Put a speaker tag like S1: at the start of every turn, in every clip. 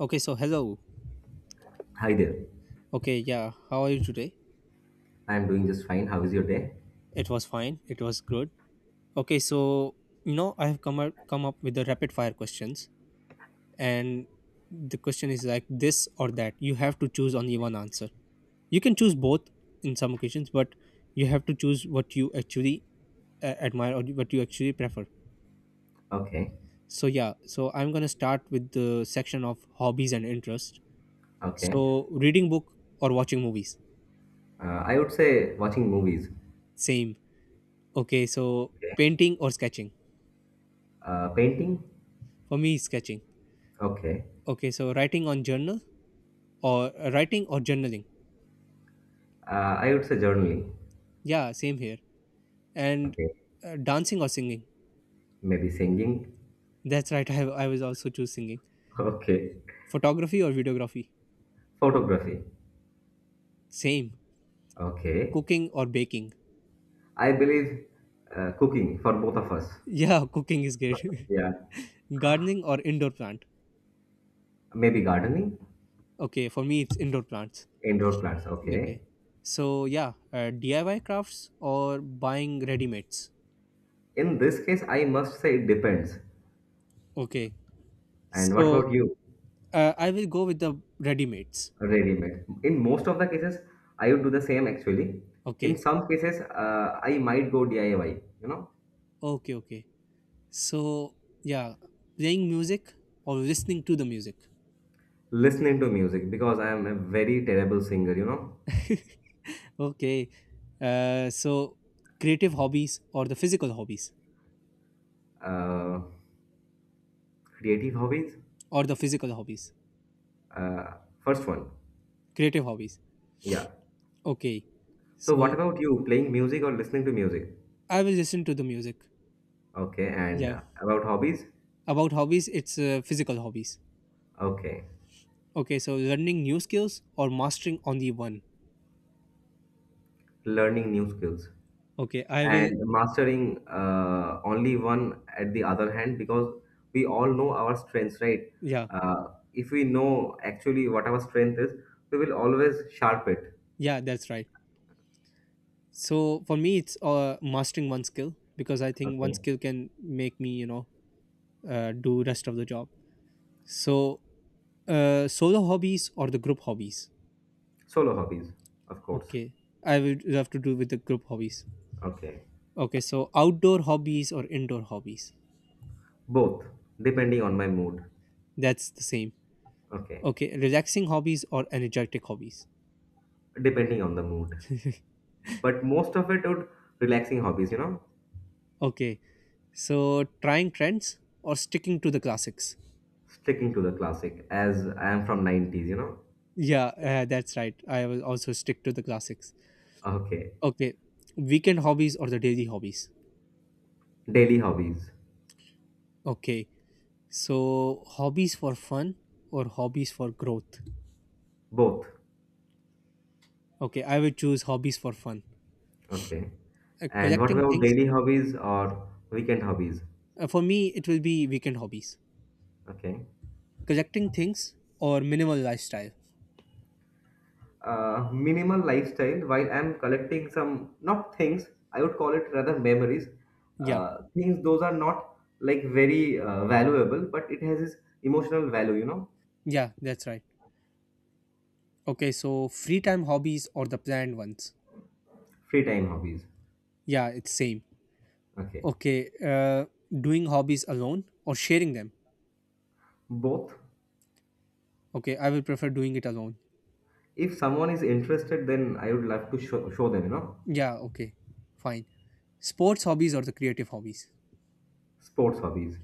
S1: Okay, so hello.
S2: Hi there.
S1: Okay, yeah. How are you today?
S2: I'm doing just fine. How is your day?
S1: It was fine. It was good. Okay, so you know I have come up with the rapid fire questions, and the question is like this or that. You have to choose only one answer. You can choose both in some occasions, but you have to choose what you actually admire or what you actually prefer.
S2: Okay.
S1: So yeah, so I'm gonna start with the section of hobbies and interests.
S2: Okay.
S1: So reading book or watching movies.
S2: I would say watching movies.
S1: Same. Okay, so
S2: Okay.
S1: painting or sketching.
S2: Painting.
S1: For me, sketching.
S2: Okay.
S1: Okay, so writing on journal or writing or journaling.
S2: I would say journaling.
S1: Yeah, same here. And
S2: Okay.
S1: dancing or singing.
S2: Maybe singing.
S1: That's right. I was also choose singing.
S2: Okay.
S1: Photography or videography.
S2: Photography.
S1: Same.
S2: Okay.
S1: Cooking or baking.
S2: I believe cooking for both of us.
S1: Yeah, cooking is great.
S2: Yeah.
S1: Gardening or indoor plant.
S2: Maybe gardening.
S1: Okay, for me it's indoor plants.
S2: Indoor plants. Okay.
S1: Okay. So yeah, DIY crafts or buying ready mates.
S2: In this case, I must say it depends.
S1: Okay.
S2: And what about
S1: So
S2: you?
S1: I will go with the ready mates.
S2: Ready made. In most of the cases, I would do the same actually. In
S1: Okay.
S2: some cases, I might go DIY, you know.
S1: Okay. Okay. So, yeah, playing music or listening to the music.
S2: Listening to music because I am a very terrible singer, you know.
S1: Okay. Uh, so, creative hobbies or the physical hobbies
S2: Uh, Creative hobbies?
S1: or the physical hobbies,
S2: Uh, First one,
S1: creative hobbies.
S2: yeah.
S1: Okay.
S2: So, what
S1: So,
S2: about you? Playing music or listening to music?
S1: I will listen to the music.
S2: Okay, and
S1: Yeah.
S2: about hobbies?
S1: About hobbies, it's physical hobbies.
S2: Okay,
S1: Okay. So, learning new skills or mastering only one.
S2: learning new skills.
S1: Okay. I will,
S2: And mastering only one at the other hand, because we all know our strengths, right?
S1: yeah.
S2: uh, if we know actually what our strength is, we will always sharp it.
S1: Yeah, that's right. So, for me, it's mastering one skill because I think one
S2: Okay,
S1: skill can make me, you know, do rest of the job. So, solo hobbies or the group hobbies?
S2: solo hobbies, of course.
S1: Okay, I would have to do with the group hobbies.
S2: Okay,
S1: Okay, so outdoor hobbies or indoor hobbies?
S2: both, depending on my mood.
S1: That's the same.
S2: Okay,
S1: Okay, relaxing hobbies or energetic hobbies?
S2: depending on the mood, but most of it would, relaxing hobbies, you know.
S1: Okay, so trying trends or sticking to the classics?
S2: Sticking to the classic, as I am from 90s, you know.
S1: Yeah, that's right. I will also stick to the classics.
S2: Okay,
S1: Okay, weekend hobbies or the daily hobbies?
S2: daily hobbies.
S1: Okay, so hobbies for fun or hobbies for growth?
S2: Both.
S1: Okay, I will choose hobbies for fun.
S2: Okay. And what
S1: Collecting
S2: about
S1: things,
S2: daily hobbies or weekend hobbies?
S1: for me it will be weekend hobbies.
S2: Okay.
S1: Collecting things or minimal lifestyle.
S2: Minimal lifestyle. While I'm collecting some, not things, I would call it rather memories.
S1: Yeah,
S2: Things, those are not like very valuable, but it has its emotional value, you know.
S1: yeah, that's right. Okay, so free time hobbies or the planned ones.
S2: Free time hobbies.
S1: Yeah, it's same.
S2: Okay.
S1: Okay, uh doing hobbies alone or sharing them.
S2: Both.
S1: Okay, I will prefer doing it alone.
S2: If someone is interested, then I would love to show them, you know.
S1: Yeah, okay, fine. Sports hobbies or the creative hobbies.
S2: Sports hobbies.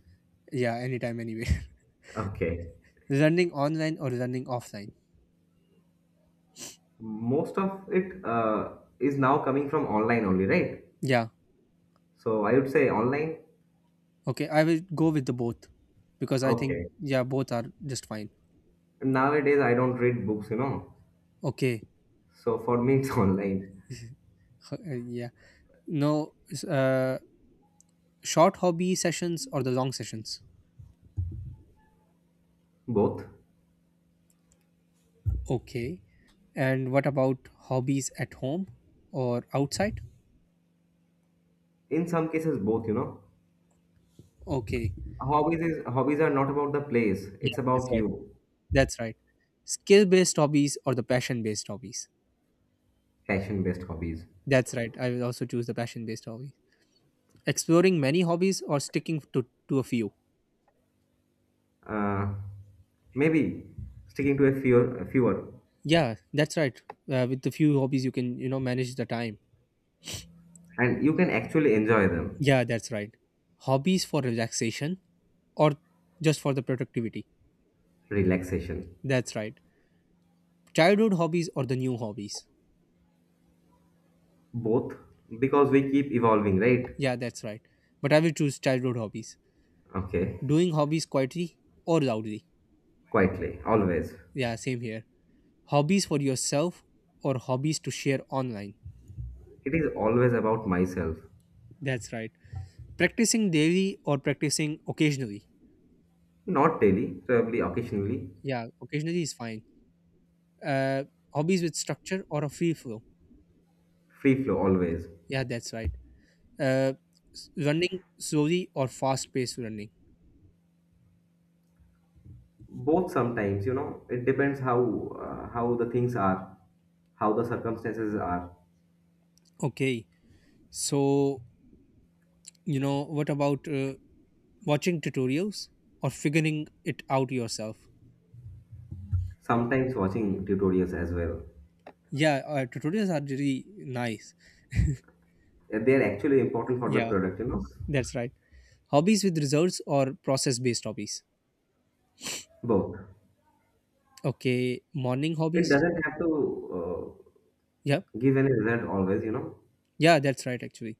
S1: Yeah, anytime anywhere.
S2: Okay.
S1: Running online or running offline.
S2: Most of it is now coming from online only, right?
S1: Yeah,
S2: So I would say online.
S1: okay, I will go with the both because I think
S2: Okay.
S1: yeah both are just fine.
S2: Nowadays I don't read books, you know.
S1: Okay.
S2: So for me it's online.
S1: Yeah. No, s- short hobby sessions or the long sessions?
S2: Both.
S1: Okay. And what about hobbies at home or outside?
S2: In some cases both, you know.
S1: Okay.
S2: Hobbies are not about the place.
S1: Yeah,
S2: It's
S1: that's
S2: about
S1: right.
S2: you.
S1: That's right. Skill based hobbies or the passion based hobbies?
S2: Passion based hobbies.
S1: That's right. I will also choose the passion based hobby. Exploring many hobbies or sticking to a few?
S2: Uh, Maybe sticking to a fewer.
S1: Yeah, that's right. With the few hobbies, you can, you know, manage the time.
S2: And you can actually enjoy them.
S1: Yeah, that's right. Hobbies for relaxation or just for the productivity?
S2: Relaxation.
S1: That's right. Childhood hobbies or the new hobbies?
S2: Both. Because we keep evolving, right?
S1: Yeah, that's right. But I will choose childhood hobbies.
S2: Okay.
S1: Doing hobbies quietly or loudly?
S2: Quietly. Always.
S1: Yeah, same here. Hobbies for yourself or hobbies to share online?
S2: It is always about myself.
S1: That's right. Practicing daily or practicing occasionally?
S2: Not daily, probably occasionally.
S1: Yeah, occasionally is fine. Uh, hobbies with structure or a free flow?
S2: Free flow always.
S1: Yeah, that's right. Uh, running slowly or fast paced running?
S2: Both, sometimes, you know. It depends how, how the things are, how the circumstances are.
S1: Okay. So, you know, what about watching tutorials or figuring it out yourself.
S2: Sometimes watching tutorials as well.
S1: Yeah, tutorials are really nice.
S2: And they are actually important for the
S1: Yeah,
S2: product, you know.
S1: that's right. Hobbies with results or process based hobbies.
S2: Both.
S1: Okay, morning
S2: It
S1: hobbies.
S2: doesn't have to uh,
S1: Yeah,
S2: give any result always, you know.
S1: yeah, that's right. Actually,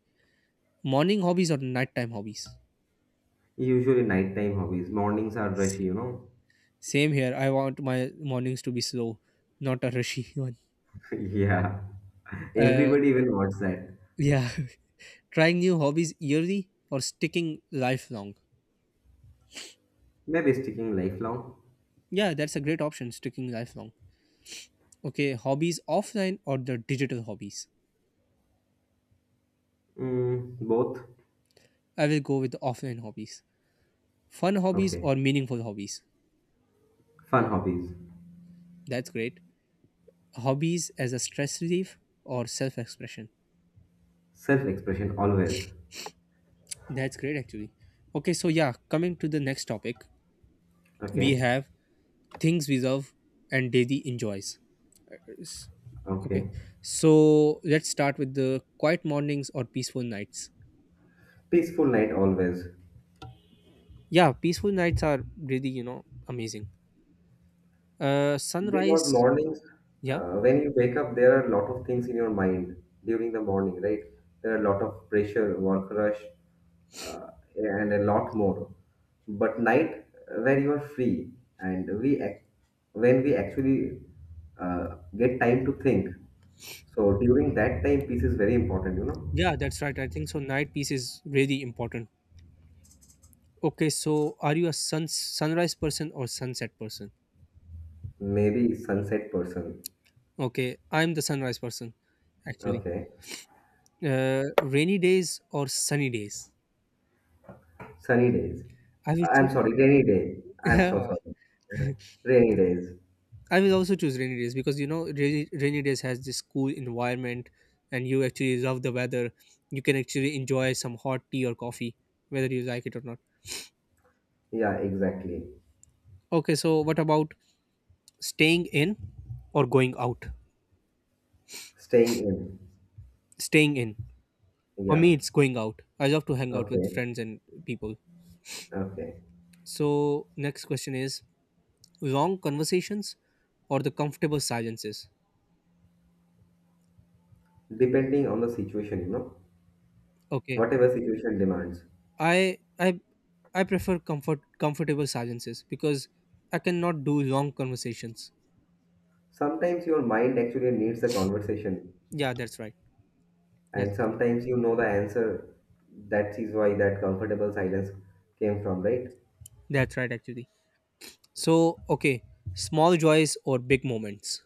S1: morning hobbies or nighttime hobbies.
S2: Usually nighttime hobbies. Mornings are
S1: S-
S2: rushy, you know.
S1: Same here. I want my mornings to be slow, not a rushy one.
S2: Yeah,
S1: Uh,
S2: everybody even wants that.
S1: yeah, trying new hobbies yearly or sticking lifelong.
S2: Maybe sticking lifelong.
S1: Yeah, that's a great option. Sticking lifelong. Okay, hobbies offline or the digital hobbies.
S2: Mm, both.
S1: I will go with offline hobbies. Fun hobbies
S2: Okay,
S1: or meaningful hobbies.
S2: fun hobbies.
S1: That's great. Hobbies as a stress relief or self expression.
S2: Self expression always.
S1: That's great, actually. Okay, so yeah, coming to the next topic, we
S2: Okay,
S1: have things we love and daily enjoys. S- Okay,
S2: okay.
S1: so let's start with the quiet mornings or peaceful nights.
S2: Peaceful night always.
S1: Yeah, peaceful nights are really, you know, amazing. Uh,
S2: Because
S1: sunrise,
S2: mornings,
S1: yeah,
S2: when you wake up, there are a lot of things in your mind during the morning, right? There are a lot of pressure, work rush, uh, and a lot more. But night, when you are free, and we ac- when we actually get time to think. So during that time, peace is very important, you know.
S1: yeah, that's right. I think so. Night peace is really important. Okay, so are you a sunrise person or sunset person?
S2: Maybe sunset person.
S1: Okay, I'm the sunrise person actually.
S2: Okay.
S1: Rainy days or sunny days?
S2: Sunny days.
S1: I will
S2: I'm
S1: choose.
S2: sorry, rainy day. I'm so
S1: Yeah,
S2: sorry. Yeah. Rainy days.
S1: I will also choose rainy days because you know rainy days has this cool environment, and you actually love the weather. You can actually enjoy some hot tea or coffee, whether you like it or not.
S2: Yeah, exactly.
S1: Okay, so what about staying in or going out?
S2: Staying in.
S1: Staying in. For
S2: Yeah.
S1: me, it's going out. I love to hang out with
S2: Okay.
S1: friends and people.
S2: Okay.
S1: So, next question is long conversations or the comfortable silences.
S2: Depending on the situation, you know,
S1: Okay,
S2: whatever situation demands.
S1: I I I prefer comfortable silences because I cannot do long conversations.
S2: Sometimes your mind actually needs a conversation,
S1: Yeah, that's right. That's
S2: and sometimes you know the answer. That is why that comfortable silence came from, right?
S1: that's right actually. So, okay, small joys or big moments.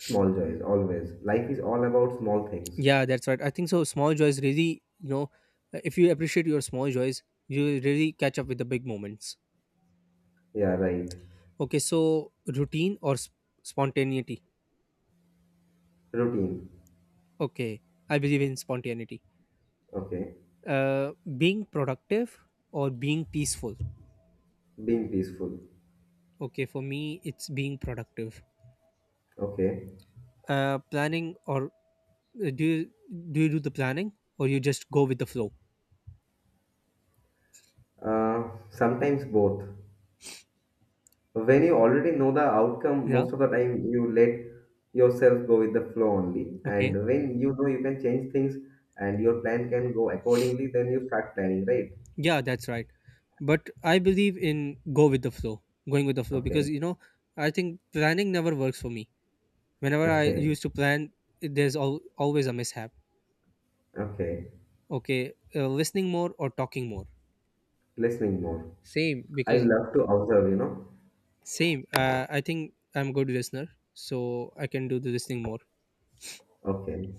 S2: Small joys, always. Life is all about small things.
S1: Yeah, that's right. I think so. Small joys really, you know, if you appreciate your small joys, you will really catch up with the big moments.
S2: Yeah, right.
S1: Okay, so routine or spontaneity.
S2: Routine.
S1: Okay, I believe in spontaneity.
S2: Okay.
S1: uh, being productive or being peaceful.
S2: Being peaceful.
S1: Okay for me it's being productive.
S2: Okay.
S1: Planning or uh, do you do you do the planning or you just go with the flow.
S2: Sometimes both. When you already know the outcome,
S1: Yeah,
S2: most of the time you let yourself go with the flow only.
S1: okay,
S2: And when you know you can change things and your plan can go accordingly, then you start planning, right?
S1: yeah, that's right, but I believe in go with the flow going with the flow because
S2: Okay,
S1: you know I think planning never works for me. Whenever I
S2: okay,
S1: used to plan, there's always a mishap.
S2: okay.
S1: Okay, listening more or talking more.
S2: Listening more.
S1: Same
S2: I
S1: because
S2: love to observe, you know.
S1: same. I think I'm good listener, so I can do the listening more.
S2: Okay.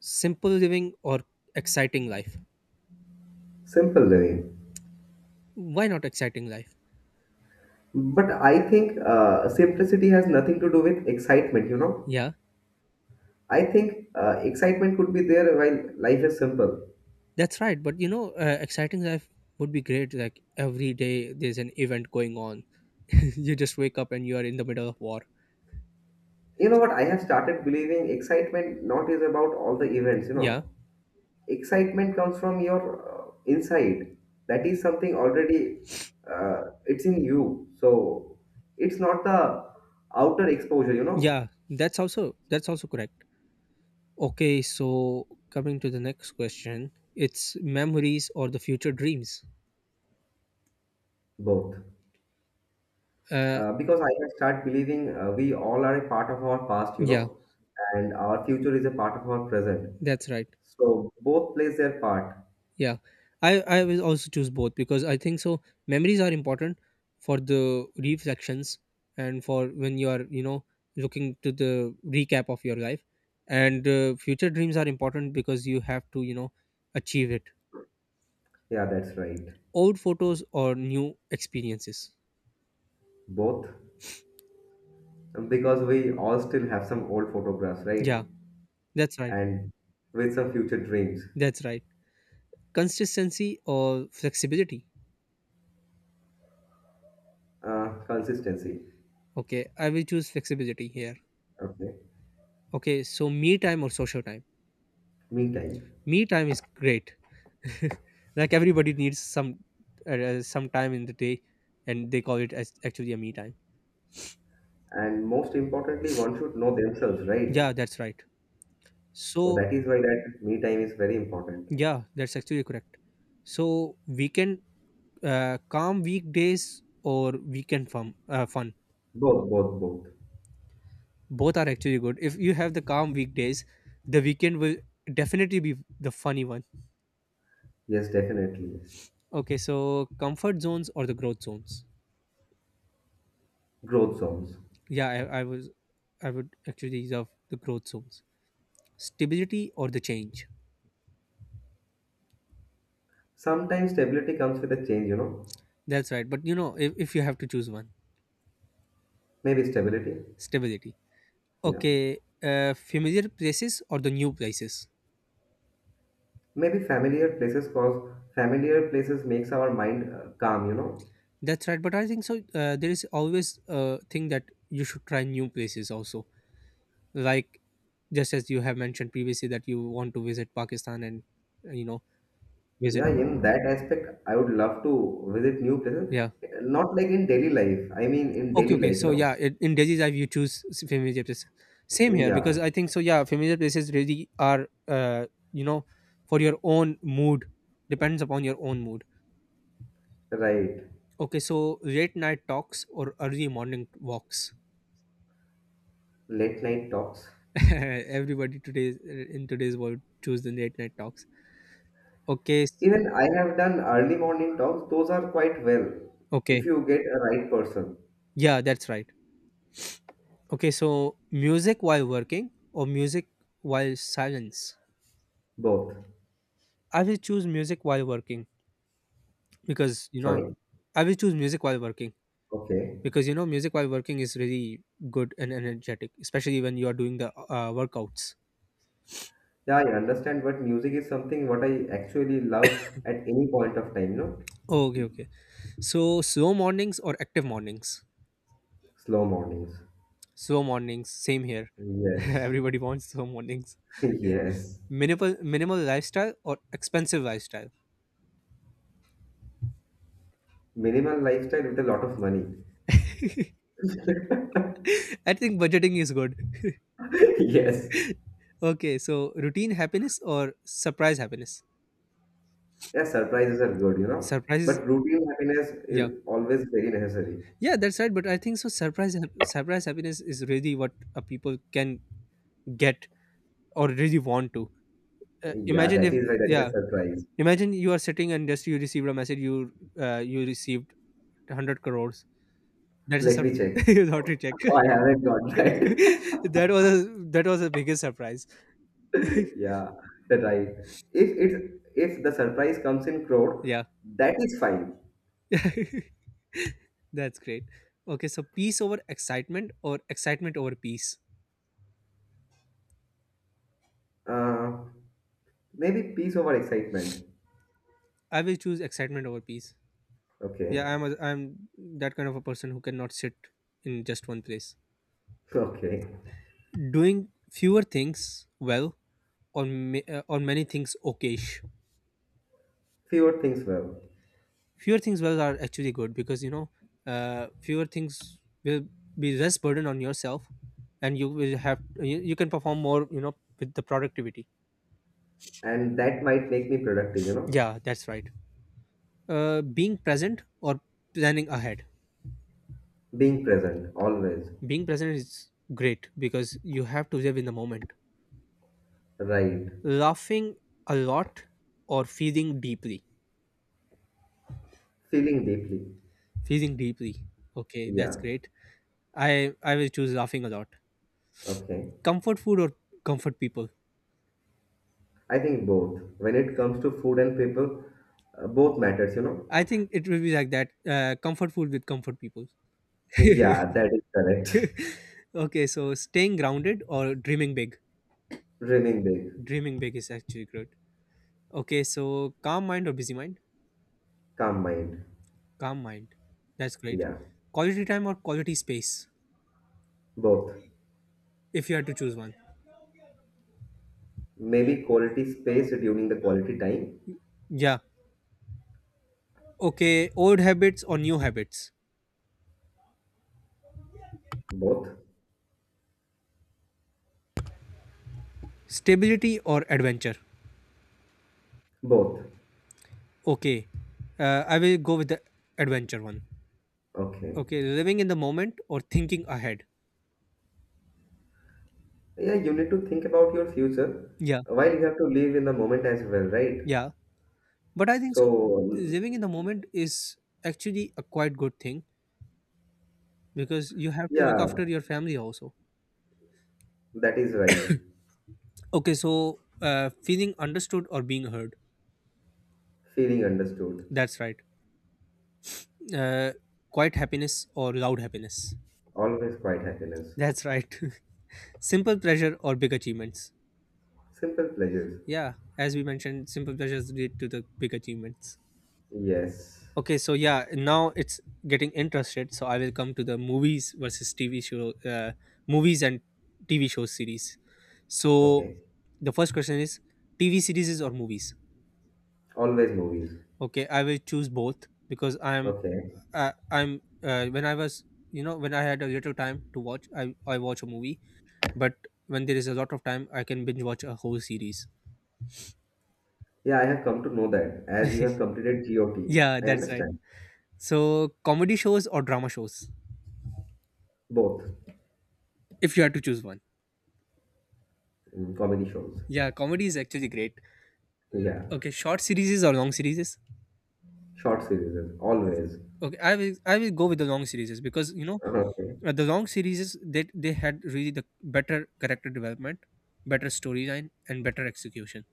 S1: Simple living or exciting life?
S2: Simple living.
S1: Why not exciting life?
S2: But I think simplicity has nothing to do with excitement, you know.
S1: Yeah,
S2: I think excitement could be there while life is simple.
S1: that's right. But you know, exciting life would be great. Like every day there's an event going on. You just wake up and you are in the middle of war.
S2: You know what? I have started believing excitement not is about all the events, you
S1: Yeah,
S2: know. Excitement comes from your inside. That is something already, it's in you. So it's not the outer exposure, you know.
S1: yeah. That's also correct. Okay, so coming to the next question, it's memories or the future dreams.
S2: Both.
S1: Uh,
S2: Because I have started believing we all are a part of our past, you
S1: yeah,
S2: know, and our future is a part of our present.
S1: that's right.
S2: So both plays their part.
S1: Yeah, I will also choose both because I think so. Memories are important for the reflections and for when you are you know looking to the recap of your life, and future dreams are important because you have to you know achieve it.
S2: Yeah, that's right.
S1: Old photos or new experiences.
S2: Both. Because we all still have some old photographs,
S1: Yeah,
S2: right?
S1: that's right.
S2: And with some future dreams,
S1: That's right. Consistency or flexibility.
S2: consistency.
S1: Okay, I will choose flexibility here.
S2: Okay,
S1: Okay, so me time or social time.
S2: me time.
S1: Me time is great. Like everybody needs some time in the day and they call it as actually a me time.
S2: And most importantly, one should know themselves, right?
S1: Yeah, that's right.
S2: So
S1: So
S2: that is why that me time is very important.
S1: yeah, that's actually correct. So weekend calm weekdays or weekend fun fun.
S2: Both, both, both.
S1: Both are actually good. If you have the calm weekdays, the weekend will definitely be the funny one.
S2: Yes, definitely.
S1: Okay, so comfort zones or the growth zones.
S2: Growth zones.
S1: Yeah, I would actually reserve the growth zones. Stability or the change.
S2: Sometimes stability comes with a change, you know.
S1: That's right. But you know, if you have to choose one,
S2: Maybe stability.
S1: stability.
S2: Yeah.
S1: Okay, familiar places or the new places.
S2: Maybe familiar places cause familiar places makes our mind calm, you know.
S1: That's right. But I think so. There is always a thing that you should try new places also. Like just as you have mentioned previously that you want to visit Pakistan and you know visit.
S2: Yeah, in that aspect, I would love to visit new places.
S1: Yeah.
S2: Not like in daily life. I mean, in
S1: Okay.
S2: daily
S1: Okay.
S2: life, you
S1: So
S2: know.
S1: yeah, it, in daily life you choose familiar places. Same here because
S2: Yeah,
S1: I think so. Yeah, familiar places really are you know for your own mood depends upon your own mood.
S2: right.
S1: Okay, so late night talks or early morning walks.
S2: Late night talks.
S1: Everybody today in today's world choose the late night talks. Okay, s-
S2: Even I have done early morning talks. Those are quite well if
S1: okay,
S2: you get a right person.
S1: yeah, that's right. Okay, so music while working or music while silence.
S2: Both.
S1: I will choose music while working because you know
S2: Sorry.
S1: I will choose music while working
S2: Okay.
S1: because you know music while working is really good and energetic, especially when you are doing the workouts.
S2: Yeah, I understand. But music is something what I actually love at any point of time. No,
S1: Okay, okay. So slow mornings or active mornings.
S2: slow mornings.
S1: Slow mornings, same here.
S2: Yes.
S1: Everybody wants slow mornings.
S2: Yes.
S1: Minimal lifestyle or expensive lifestyle?
S2: Minimal lifestyle with a lot of money.
S1: I think budgeting is good.
S2: Yes.
S1: Okay, so routine happiness or surprise happiness?
S2: Yeah, surprises are good, you know.
S1: Surprises,
S2: But routine happiness
S1: yeah,
S2: is always very necessary.
S1: yeah, that's right. But I think so. Surprise happiness is really what people can get or really want to.
S2: Yeah,
S1: Imagine
S2: that
S1: if,
S2: is why that is
S1: yeah,
S2: a surprise.
S1: imagine you are sitting and just you received a message. You received 100 crores. That's a
S2: Let me
S1: surprise.
S2: check.
S1: Lottery check.
S2: Oh, I haven't got that.
S1: that was a, that was the biggest surprise.
S2: Yeah, that right. If it if the surprise comes in crowd,
S1: yeah
S2: that is fine.
S1: that's great. Okay, so peace over excitement or excitement over peace?
S2: Uh, Maybe peace over excitement.
S1: I will choose excitement over peace.
S2: Okay,
S1: Yeah, I'm that kind of a person who cannot sit in just one place
S2: okay.
S1: doing fewer things well or or many things okayish.
S2: Fewer things well,
S1: Fewer things well are actually good because fewer things will be less burden on yourself, and you will have you can perform more, you know, with the productivity.
S2: and that might make me productive. You know,
S1: Yeah, that's right. Being present or planning ahead.
S2: being present always.
S1: Being present is great because you have to live in the moment.
S2: Right.
S1: Laughing a lot or feeling deeply.
S2: Feeling deeply.
S1: Feeling deeply. Okay,
S2: Yeah.
S1: that's great. I will choose laughing a lot.
S2: Okay.
S1: Comfort food or comfort people.
S2: I think both. When it comes to food and people, both matters, you know?
S1: I think it will be like that. Comfort food with comfort people.
S2: Yeah, that is correct.
S1: Okay, so staying grounded or dreaming big.
S2: Dreaming big,
S1: Dreaming big is actually good. Okay, so calm mind or busy mind.
S2: calm mind.
S1: Calm mind. That's great.
S2: Yeah,
S1: Quality time or quality space,
S2: both.
S1: if you had to choose one.
S2: Maybe quality space during the quality time.
S1: Yeah. Okay. Old habits or new habits?
S2: Both.
S1: Stability or adventure?
S2: Both.
S1: Okay. I will go with the adventure one.
S2: Okay.
S1: Okay. Living in the moment or thinking ahead?
S2: Yeah, you need to think about your future
S1: Yeah.
S2: while you have to live in the moment as well, right?
S1: Yeah. But I think
S2: So,
S1: so.
S2: um,
S1: Living in the moment is actually a quite good thing because you have to look
S2: yeah,
S1: after your family also.
S2: that is right.
S1: Okay. So, feeling understood or being heard.
S2: Feeling understood.
S1: That's right. Uh, quiet happiness or loud happiness.
S2: Always quite happiness.
S1: That's right. Simple pleasure or big achievements.
S2: Simple pleasures.
S1: Yeah, as we mentioned, simple pleasures lead to the big achievements.
S2: Yes.
S1: Okay, so yeah, now it's getting interested. So I will come to the movies versus movies and TV show series. So
S2: Okay.
S1: the first question is TV series or movies?
S2: Always movies.
S1: Okay, I will choose both because
S2: Okay.
S1: I'm when I was you know when I had a little time to watch, I watch a movie, but when there is a lot of time, I can binge watch a whole series.
S2: Yeah, I have come to know that as you have completed GOT.
S1: Yeah,
S2: I
S1: that's right.
S2: understand.
S1: So comedy shows or drama shows,
S2: Both.
S1: if you had to choose one.
S2: Mm, comedy shows.
S1: Yeah, comedy is actually great.
S2: Yeah.
S1: Okay, short series or long series.
S2: Short series, always.
S1: Okay, I will go with the long series because
S2: Okay.
S1: the long series, they had really the better character development, better storyline and better execution.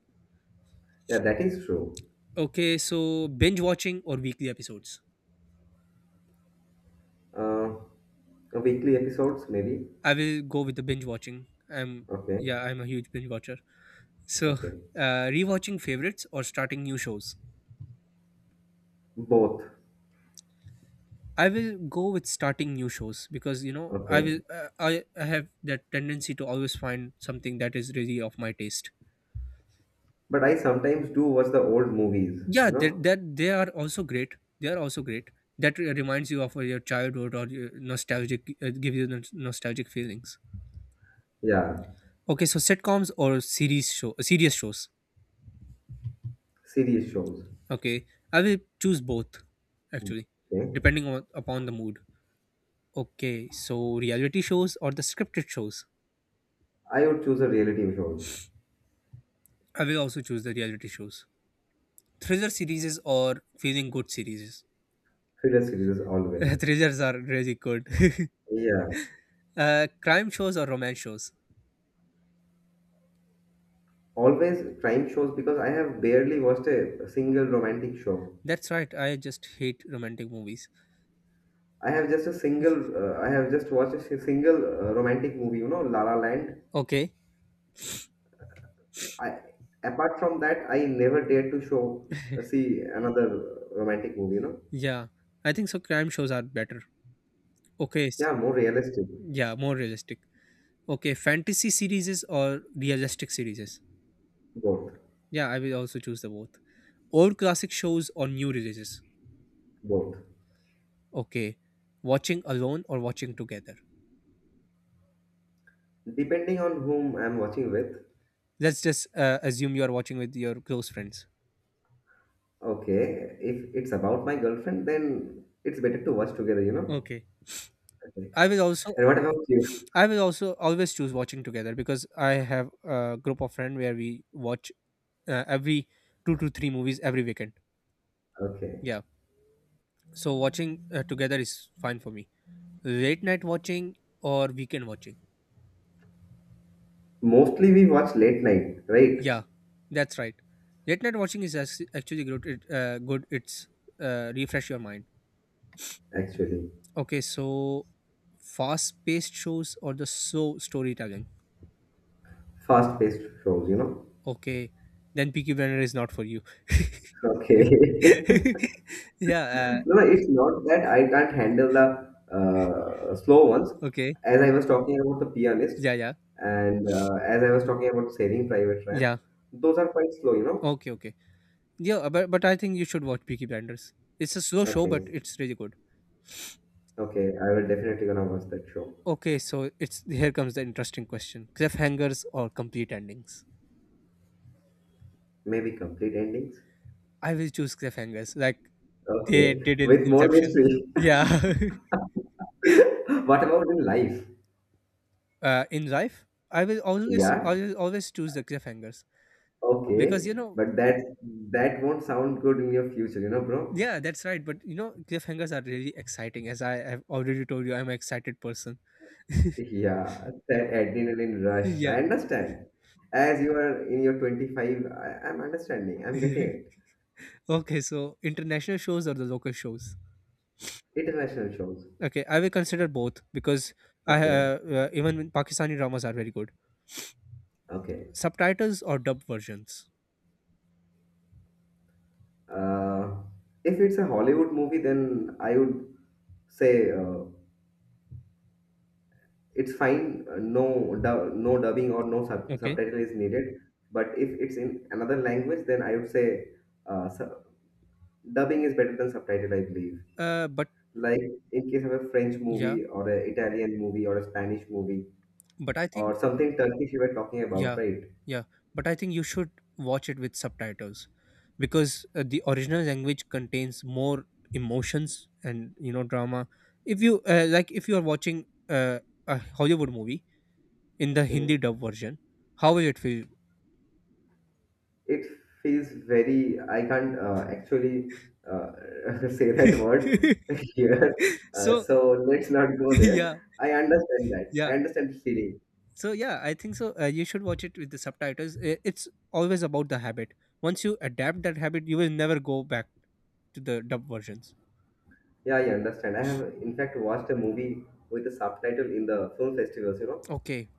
S2: Yeah, that is true.
S1: Okay, so binge watching or weekly episodes.
S2: Uh, Weekly episodes, maybe.
S1: I will go with the binge watching I'm
S2: Okay.
S1: Yeah, I'm a huge binge watcher. So,
S2: Okay.
S1: rewatching favorites or starting new shows?
S2: Both.
S1: I will go with starting new shows because you know
S2: Okay.
S1: I have that tendency to always find something that is really of my taste.
S2: But I sometimes do watch the old movies,
S1: Yeah,
S2: you
S1: that
S2: know?
S1: that they are also great. They are also great. That reminds you of your childhood, or your nostalgic, give you nostalgic feelings.
S2: Yeah.
S1: Okay, so sitcoms or serious shows.
S2: Serious shows.
S1: Okay, I will choose both actually,
S2: Okay.
S1: depending on upon the mood. Okay, so reality shows or the scripted shows?
S2: I would choose a reality shows.
S1: I will also choose the reality shows. Thriller series or feeling good series.
S2: Thriller series, always.
S1: Thrillers are really good.
S2: Yeah.
S1: Uh, crime shows or romance shows.
S2: Always crime shows, because I have barely watched a single romantic show.
S1: That's right. I just hate romantic movies.
S2: I have just a single. I have just watched a single romantic movie. You know, La La Land.
S1: Okay.
S2: I Apart from that, I never dared to show see another romantic movie. You know,
S1: Yeah. I think so. Crime shows are better. Okay. S-
S2: yeah, more realistic.
S1: Yeah. More realistic. Okay. Fantasy series or realistic series.
S2: Both,
S1: Yeah. I will also choose the both. Old classic shows or new releases.
S2: both.
S1: Okay. Watching alone or watching together.
S2: Depending on whom I'm watching with.
S1: Let's just assume you are watching with your close friends.
S2: Okay, if it's about my girlfriend, then it's better to watch together. You know.
S1: Okay.
S2: Okay.
S1: I will also
S2: And what about you?
S1: I will also always choose watching together because I have a group of friends where we watch every two to three movies every weekend.
S2: Okay.
S1: Yeah, so watching together is fine for me. Late night watching or weekend watching.
S2: Mostly we watch late night, right?
S1: Yeah, that's right. Late night watching is actually good. It, good. It's refresh your mind.
S2: Actually.
S1: Okay, so fast paced shows or the slow storytelling.
S2: Fast-paced shows, you know.
S1: Okay, then Peaky Blinders is not for you.
S2: Okay.
S1: Yeah.
S2: No, no, it's not that I can't handle the slow ones.
S1: Okay.
S2: As I was talking about the pianist,
S1: Yeah. Yeah.
S2: and as I was talking about Saving Private Ryan,
S1: Yeah.
S2: those are quite slow, you know.
S1: Okay. Okay. Yeah. But I think you should watch Peaky Blinders. It's a slow show, but
S2: Okay,
S1: it's really good.
S2: okay, I will definitely gonna watch that show.
S1: Okay. So it's here comes the interesting question: cliffhangers or complete endings?
S2: Maybe complete endings.
S1: I will choose cliffhangers, like
S2: Okay,
S1: they did in
S2: with more
S1: Inception.
S2: mystery.
S1: Yeah.
S2: What about in life?
S1: Uh, in life, I will always
S2: Yeah,
S1: always always choose the cliffhangers because
S2: okay,
S1: you know.
S2: but that won't sound good in your future, you know, bro.
S1: Yeah, that's right. But you know, cliffhangers are really exciting. As I have already told you, I'm an excited person.
S2: Yeah, that adrenaline rush. I
S1: Yeah.
S2: understand. As you are in your 25, I'm understanding. I'm getting it.
S1: Okay, so international shows or the local shows?
S2: International shows.
S1: Okay, I will consider both because I
S2: Okay,
S1: even Pakistani dramas are very good.
S2: okay.
S1: Subtitles or dub versions.
S2: Uh, if it's a Hollywood movie, then I would say it's fine. No, no dubbing or no
S1: Okay.
S2: subtitle is needed. But if it's in another language, then I would say uh, su- dubbing is better than subtitle, I believe.
S1: But
S2: Like in case of a French
S1: yeah,
S2: movie or an Italian movie or a Spanish movie
S1: but I think
S2: or something Turkish you were talking about,
S1: yeah,
S2: right?
S1: yeah, but I think you should watch it with subtitles because the original language contains more emotions and you know drama. If you like, if you are watching a Hollywood movie in the Hindi
S2: Hmm.
S1: dub version, how will it feel?
S2: It feels very, I can't actually uh, say that word here.
S1: So
S2: So let's not go there.
S1: yeah,
S2: I understand that. I
S1: yeah,
S2: understand the feeling.
S1: so yeah, I think so, you should watch it with the subtitles. I- it's always about the habit. Once you adapt that habit, you will never go back to the dub versions.
S2: Yeah, I understand. I have, in fact, watched a movie with a subtitle in the film festivals, you know,
S1: Okay.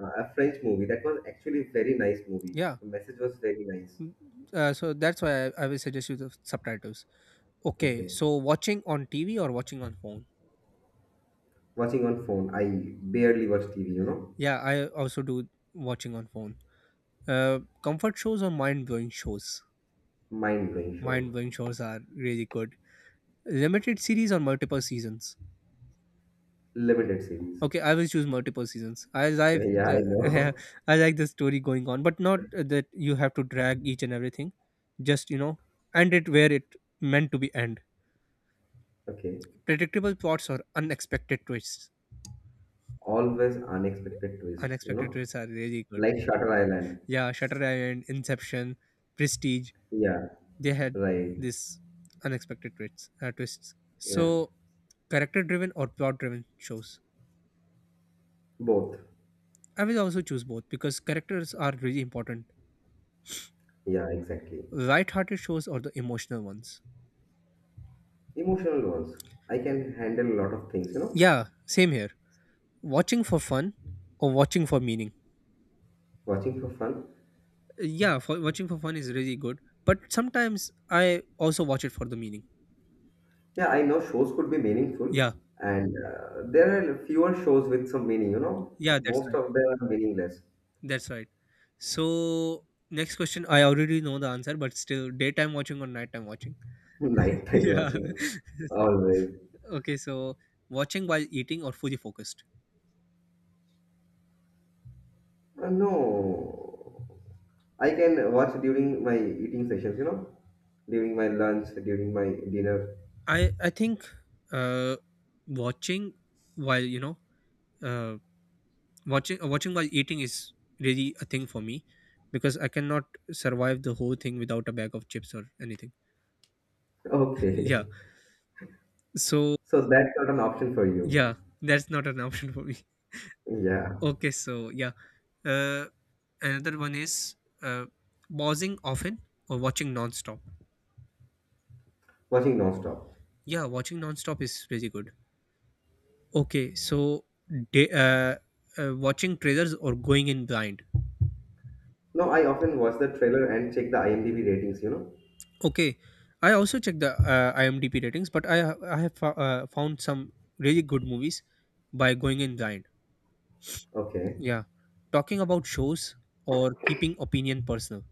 S2: a French movie. That was actually a very nice movie.
S1: Yeah.
S2: The message was very nice.
S1: Mm, so that's why I will suggest you the subtitles. Okay,
S2: Okay.
S1: so watching on TV or watching on phone.
S2: Watching on phone, I barely watch TV, you know.
S1: Yeah, I also do watching on phone. Uh, comfort shows or mind-blowing shows.
S2: Mind blowing show.
S1: Mind-blowing shows are really good. Limited series or multiple seasons.
S2: Limited series.
S1: Okay, I will choose multiple seasons. I like
S2: Yeah, I
S1: the
S2: know.
S1: I like the story going on, but not that you have to drag each and everything. Just you know, end it where it meant to be end.
S2: Okay.
S1: Predictable plots or unexpected twists.
S2: Always unexpected twist, you
S1: Unexpected
S2: know?
S1: twists are really good.
S2: Like Shutter Island.
S1: Yeah, Shutter Island, Inception, Prestige.
S2: Yeah,
S1: They had
S2: right.
S1: this unexpected twists.
S2: Yeah.
S1: So character-driven or plot-driven shows.
S2: Both.
S1: I will also choose both because characters are really important.
S2: Yeah, exactly.
S1: Light-hearted shows or the emotional ones.
S2: Emotional ones. I can handle a lot of things, you know?
S1: Yeah, same here. Watching for fun or watching for meaning.
S2: Watching for fun.
S1: Yeah, for watching for fun is really good, but sometimes I also watch it for the meaning.
S2: Yeah, I know shows could be meaningful,
S1: Yeah,
S2: and there are fewer shows with some meaning, you know?
S1: yeah, that's
S2: Most
S1: right.
S2: of them are meaningless.
S1: That's right. So, next question I already know the answer, but still daytime watching or nighttime watching?
S2: Nighttime
S1: Yeah.
S2: watching. Always.
S1: Okay, so watching while eating or fully focused?
S2: No, I can watch during my eating sessions, you know, during my lunch, during my dinner.
S1: I think uh watching while you know uh watching watching while eating is really a thing for me because I cannot survive the whole thing without a bag of chips or anything. Yeah.
S2: Okay.
S1: So
S2: So that's not an option for you.
S1: yeah, that's not an option for me.
S2: Yeah.
S1: Okay, so yeah. Uh, another one is uh, pausing often or watching non-stop.
S2: Watching non-stop.
S1: Yeah, watching non-stop is really good. Okay, so day, uh, watching trailers or going in blind.
S2: No, I often watch the trailer and check the IMDb ratings, you know.
S1: Okay, I also checked the IMDb ratings, but I have found some really good movies by going in blind.
S2: Okay.
S1: Yeah, talking about shows or keeping opinion personal.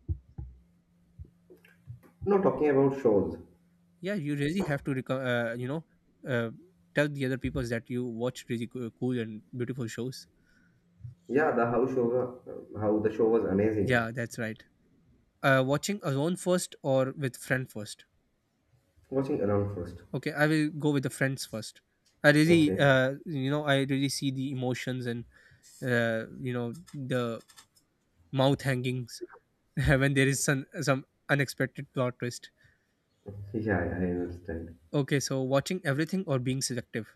S2: No, talking about shows.
S1: Yeah, you really have to you know uh, tell the other people that you watch really cool and beautiful shows.
S2: Yeah, the how show, how the show was amazing.
S1: Yeah, that's right. Watching alone first or with friend first.
S2: Watching around first.
S1: Okay, I will go with the friends first. I really,
S2: Okay.
S1: you know, I really see the emotions and you know the mouth hangings when there is some unexpected plot twist.
S2: Yeah, I understand.
S1: Okay, so watching everything or being selective?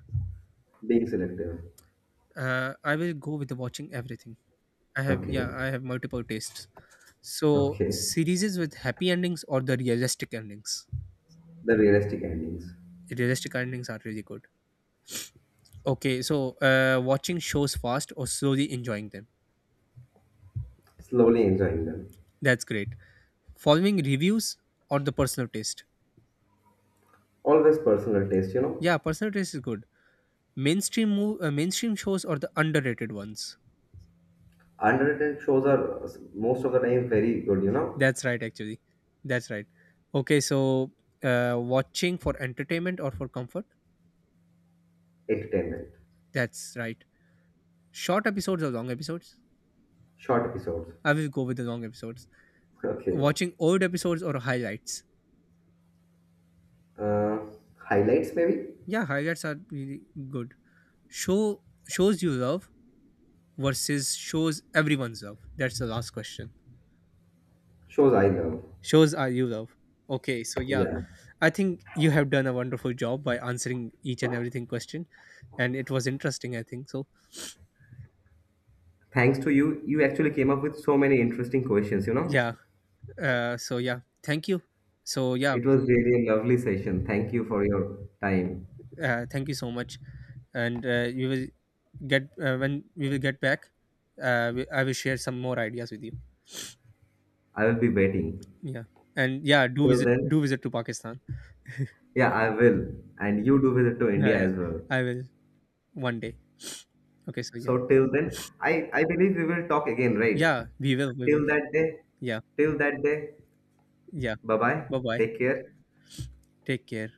S2: Being selective.
S1: I will go with the watching everything. I have yeah,
S2: Okay.
S1: I have multiple tastes. So
S2: Okay.
S1: series with happy endings or the realistic endings.
S2: The realistic endings.
S1: Realistic endings are really good. Okay, so watching shows fast or slowly enjoying them.
S2: Slowly enjoying them.
S1: That's great. Following reviews or the personal taste.
S2: Always personal taste, you know.
S1: Yeah, personal taste is good. Mainstream shows or the underrated ones.
S2: Underrated shows are most of the time very good, you know.
S1: That's right, actually. That's right. Okay, so watching for entertainment or for comfort?
S2: Entertainment,
S1: That's right. Short episodes or long episodes?
S2: short episodes.
S1: I will go with the long episodes.
S2: Okay.
S1: Watching old episodes or highlights?
S2: Uh, Highlights maybe?
S1: Yeah, highlights are really good. Show Shows you love versus shows everyone's love. That's the last question.
S2: Shows I love.
S1: Shows are you love. Okay, so yeah,
S2: Yeah.
S1: I think you have done a wonderful job by answering each and everything question, and it was interesting. I think so.
S2: Thanks to you, you actually came up with so many interesting questions, you know.
S1: Yeah. So yeah, thank you. So yeah,
S2: It was really a lovely session. Thank you for your time.
S1: thank you so much, and you will get when we will get back. I will share some more ideas with you.
S2: I will be waiting.
S1: Yeah, and yeah,
S2: Till then,
S1: do visit to Pakistan.
S2: yeah, I will. And you do visit to
S1: Yeah,
S2: India
S1: yeah,
S2: as well.
S1: I will one day. Okay, so yeah,
S2: So till then, I believe we will talk again, right?
S1: yeah, we will, we will.
S2: Till that day,
S1: Yeah,
S2: till that day,
S1: yeah.
S2: bye bye.
S1: Bye bye.
S2: Take care.
S1: Take care.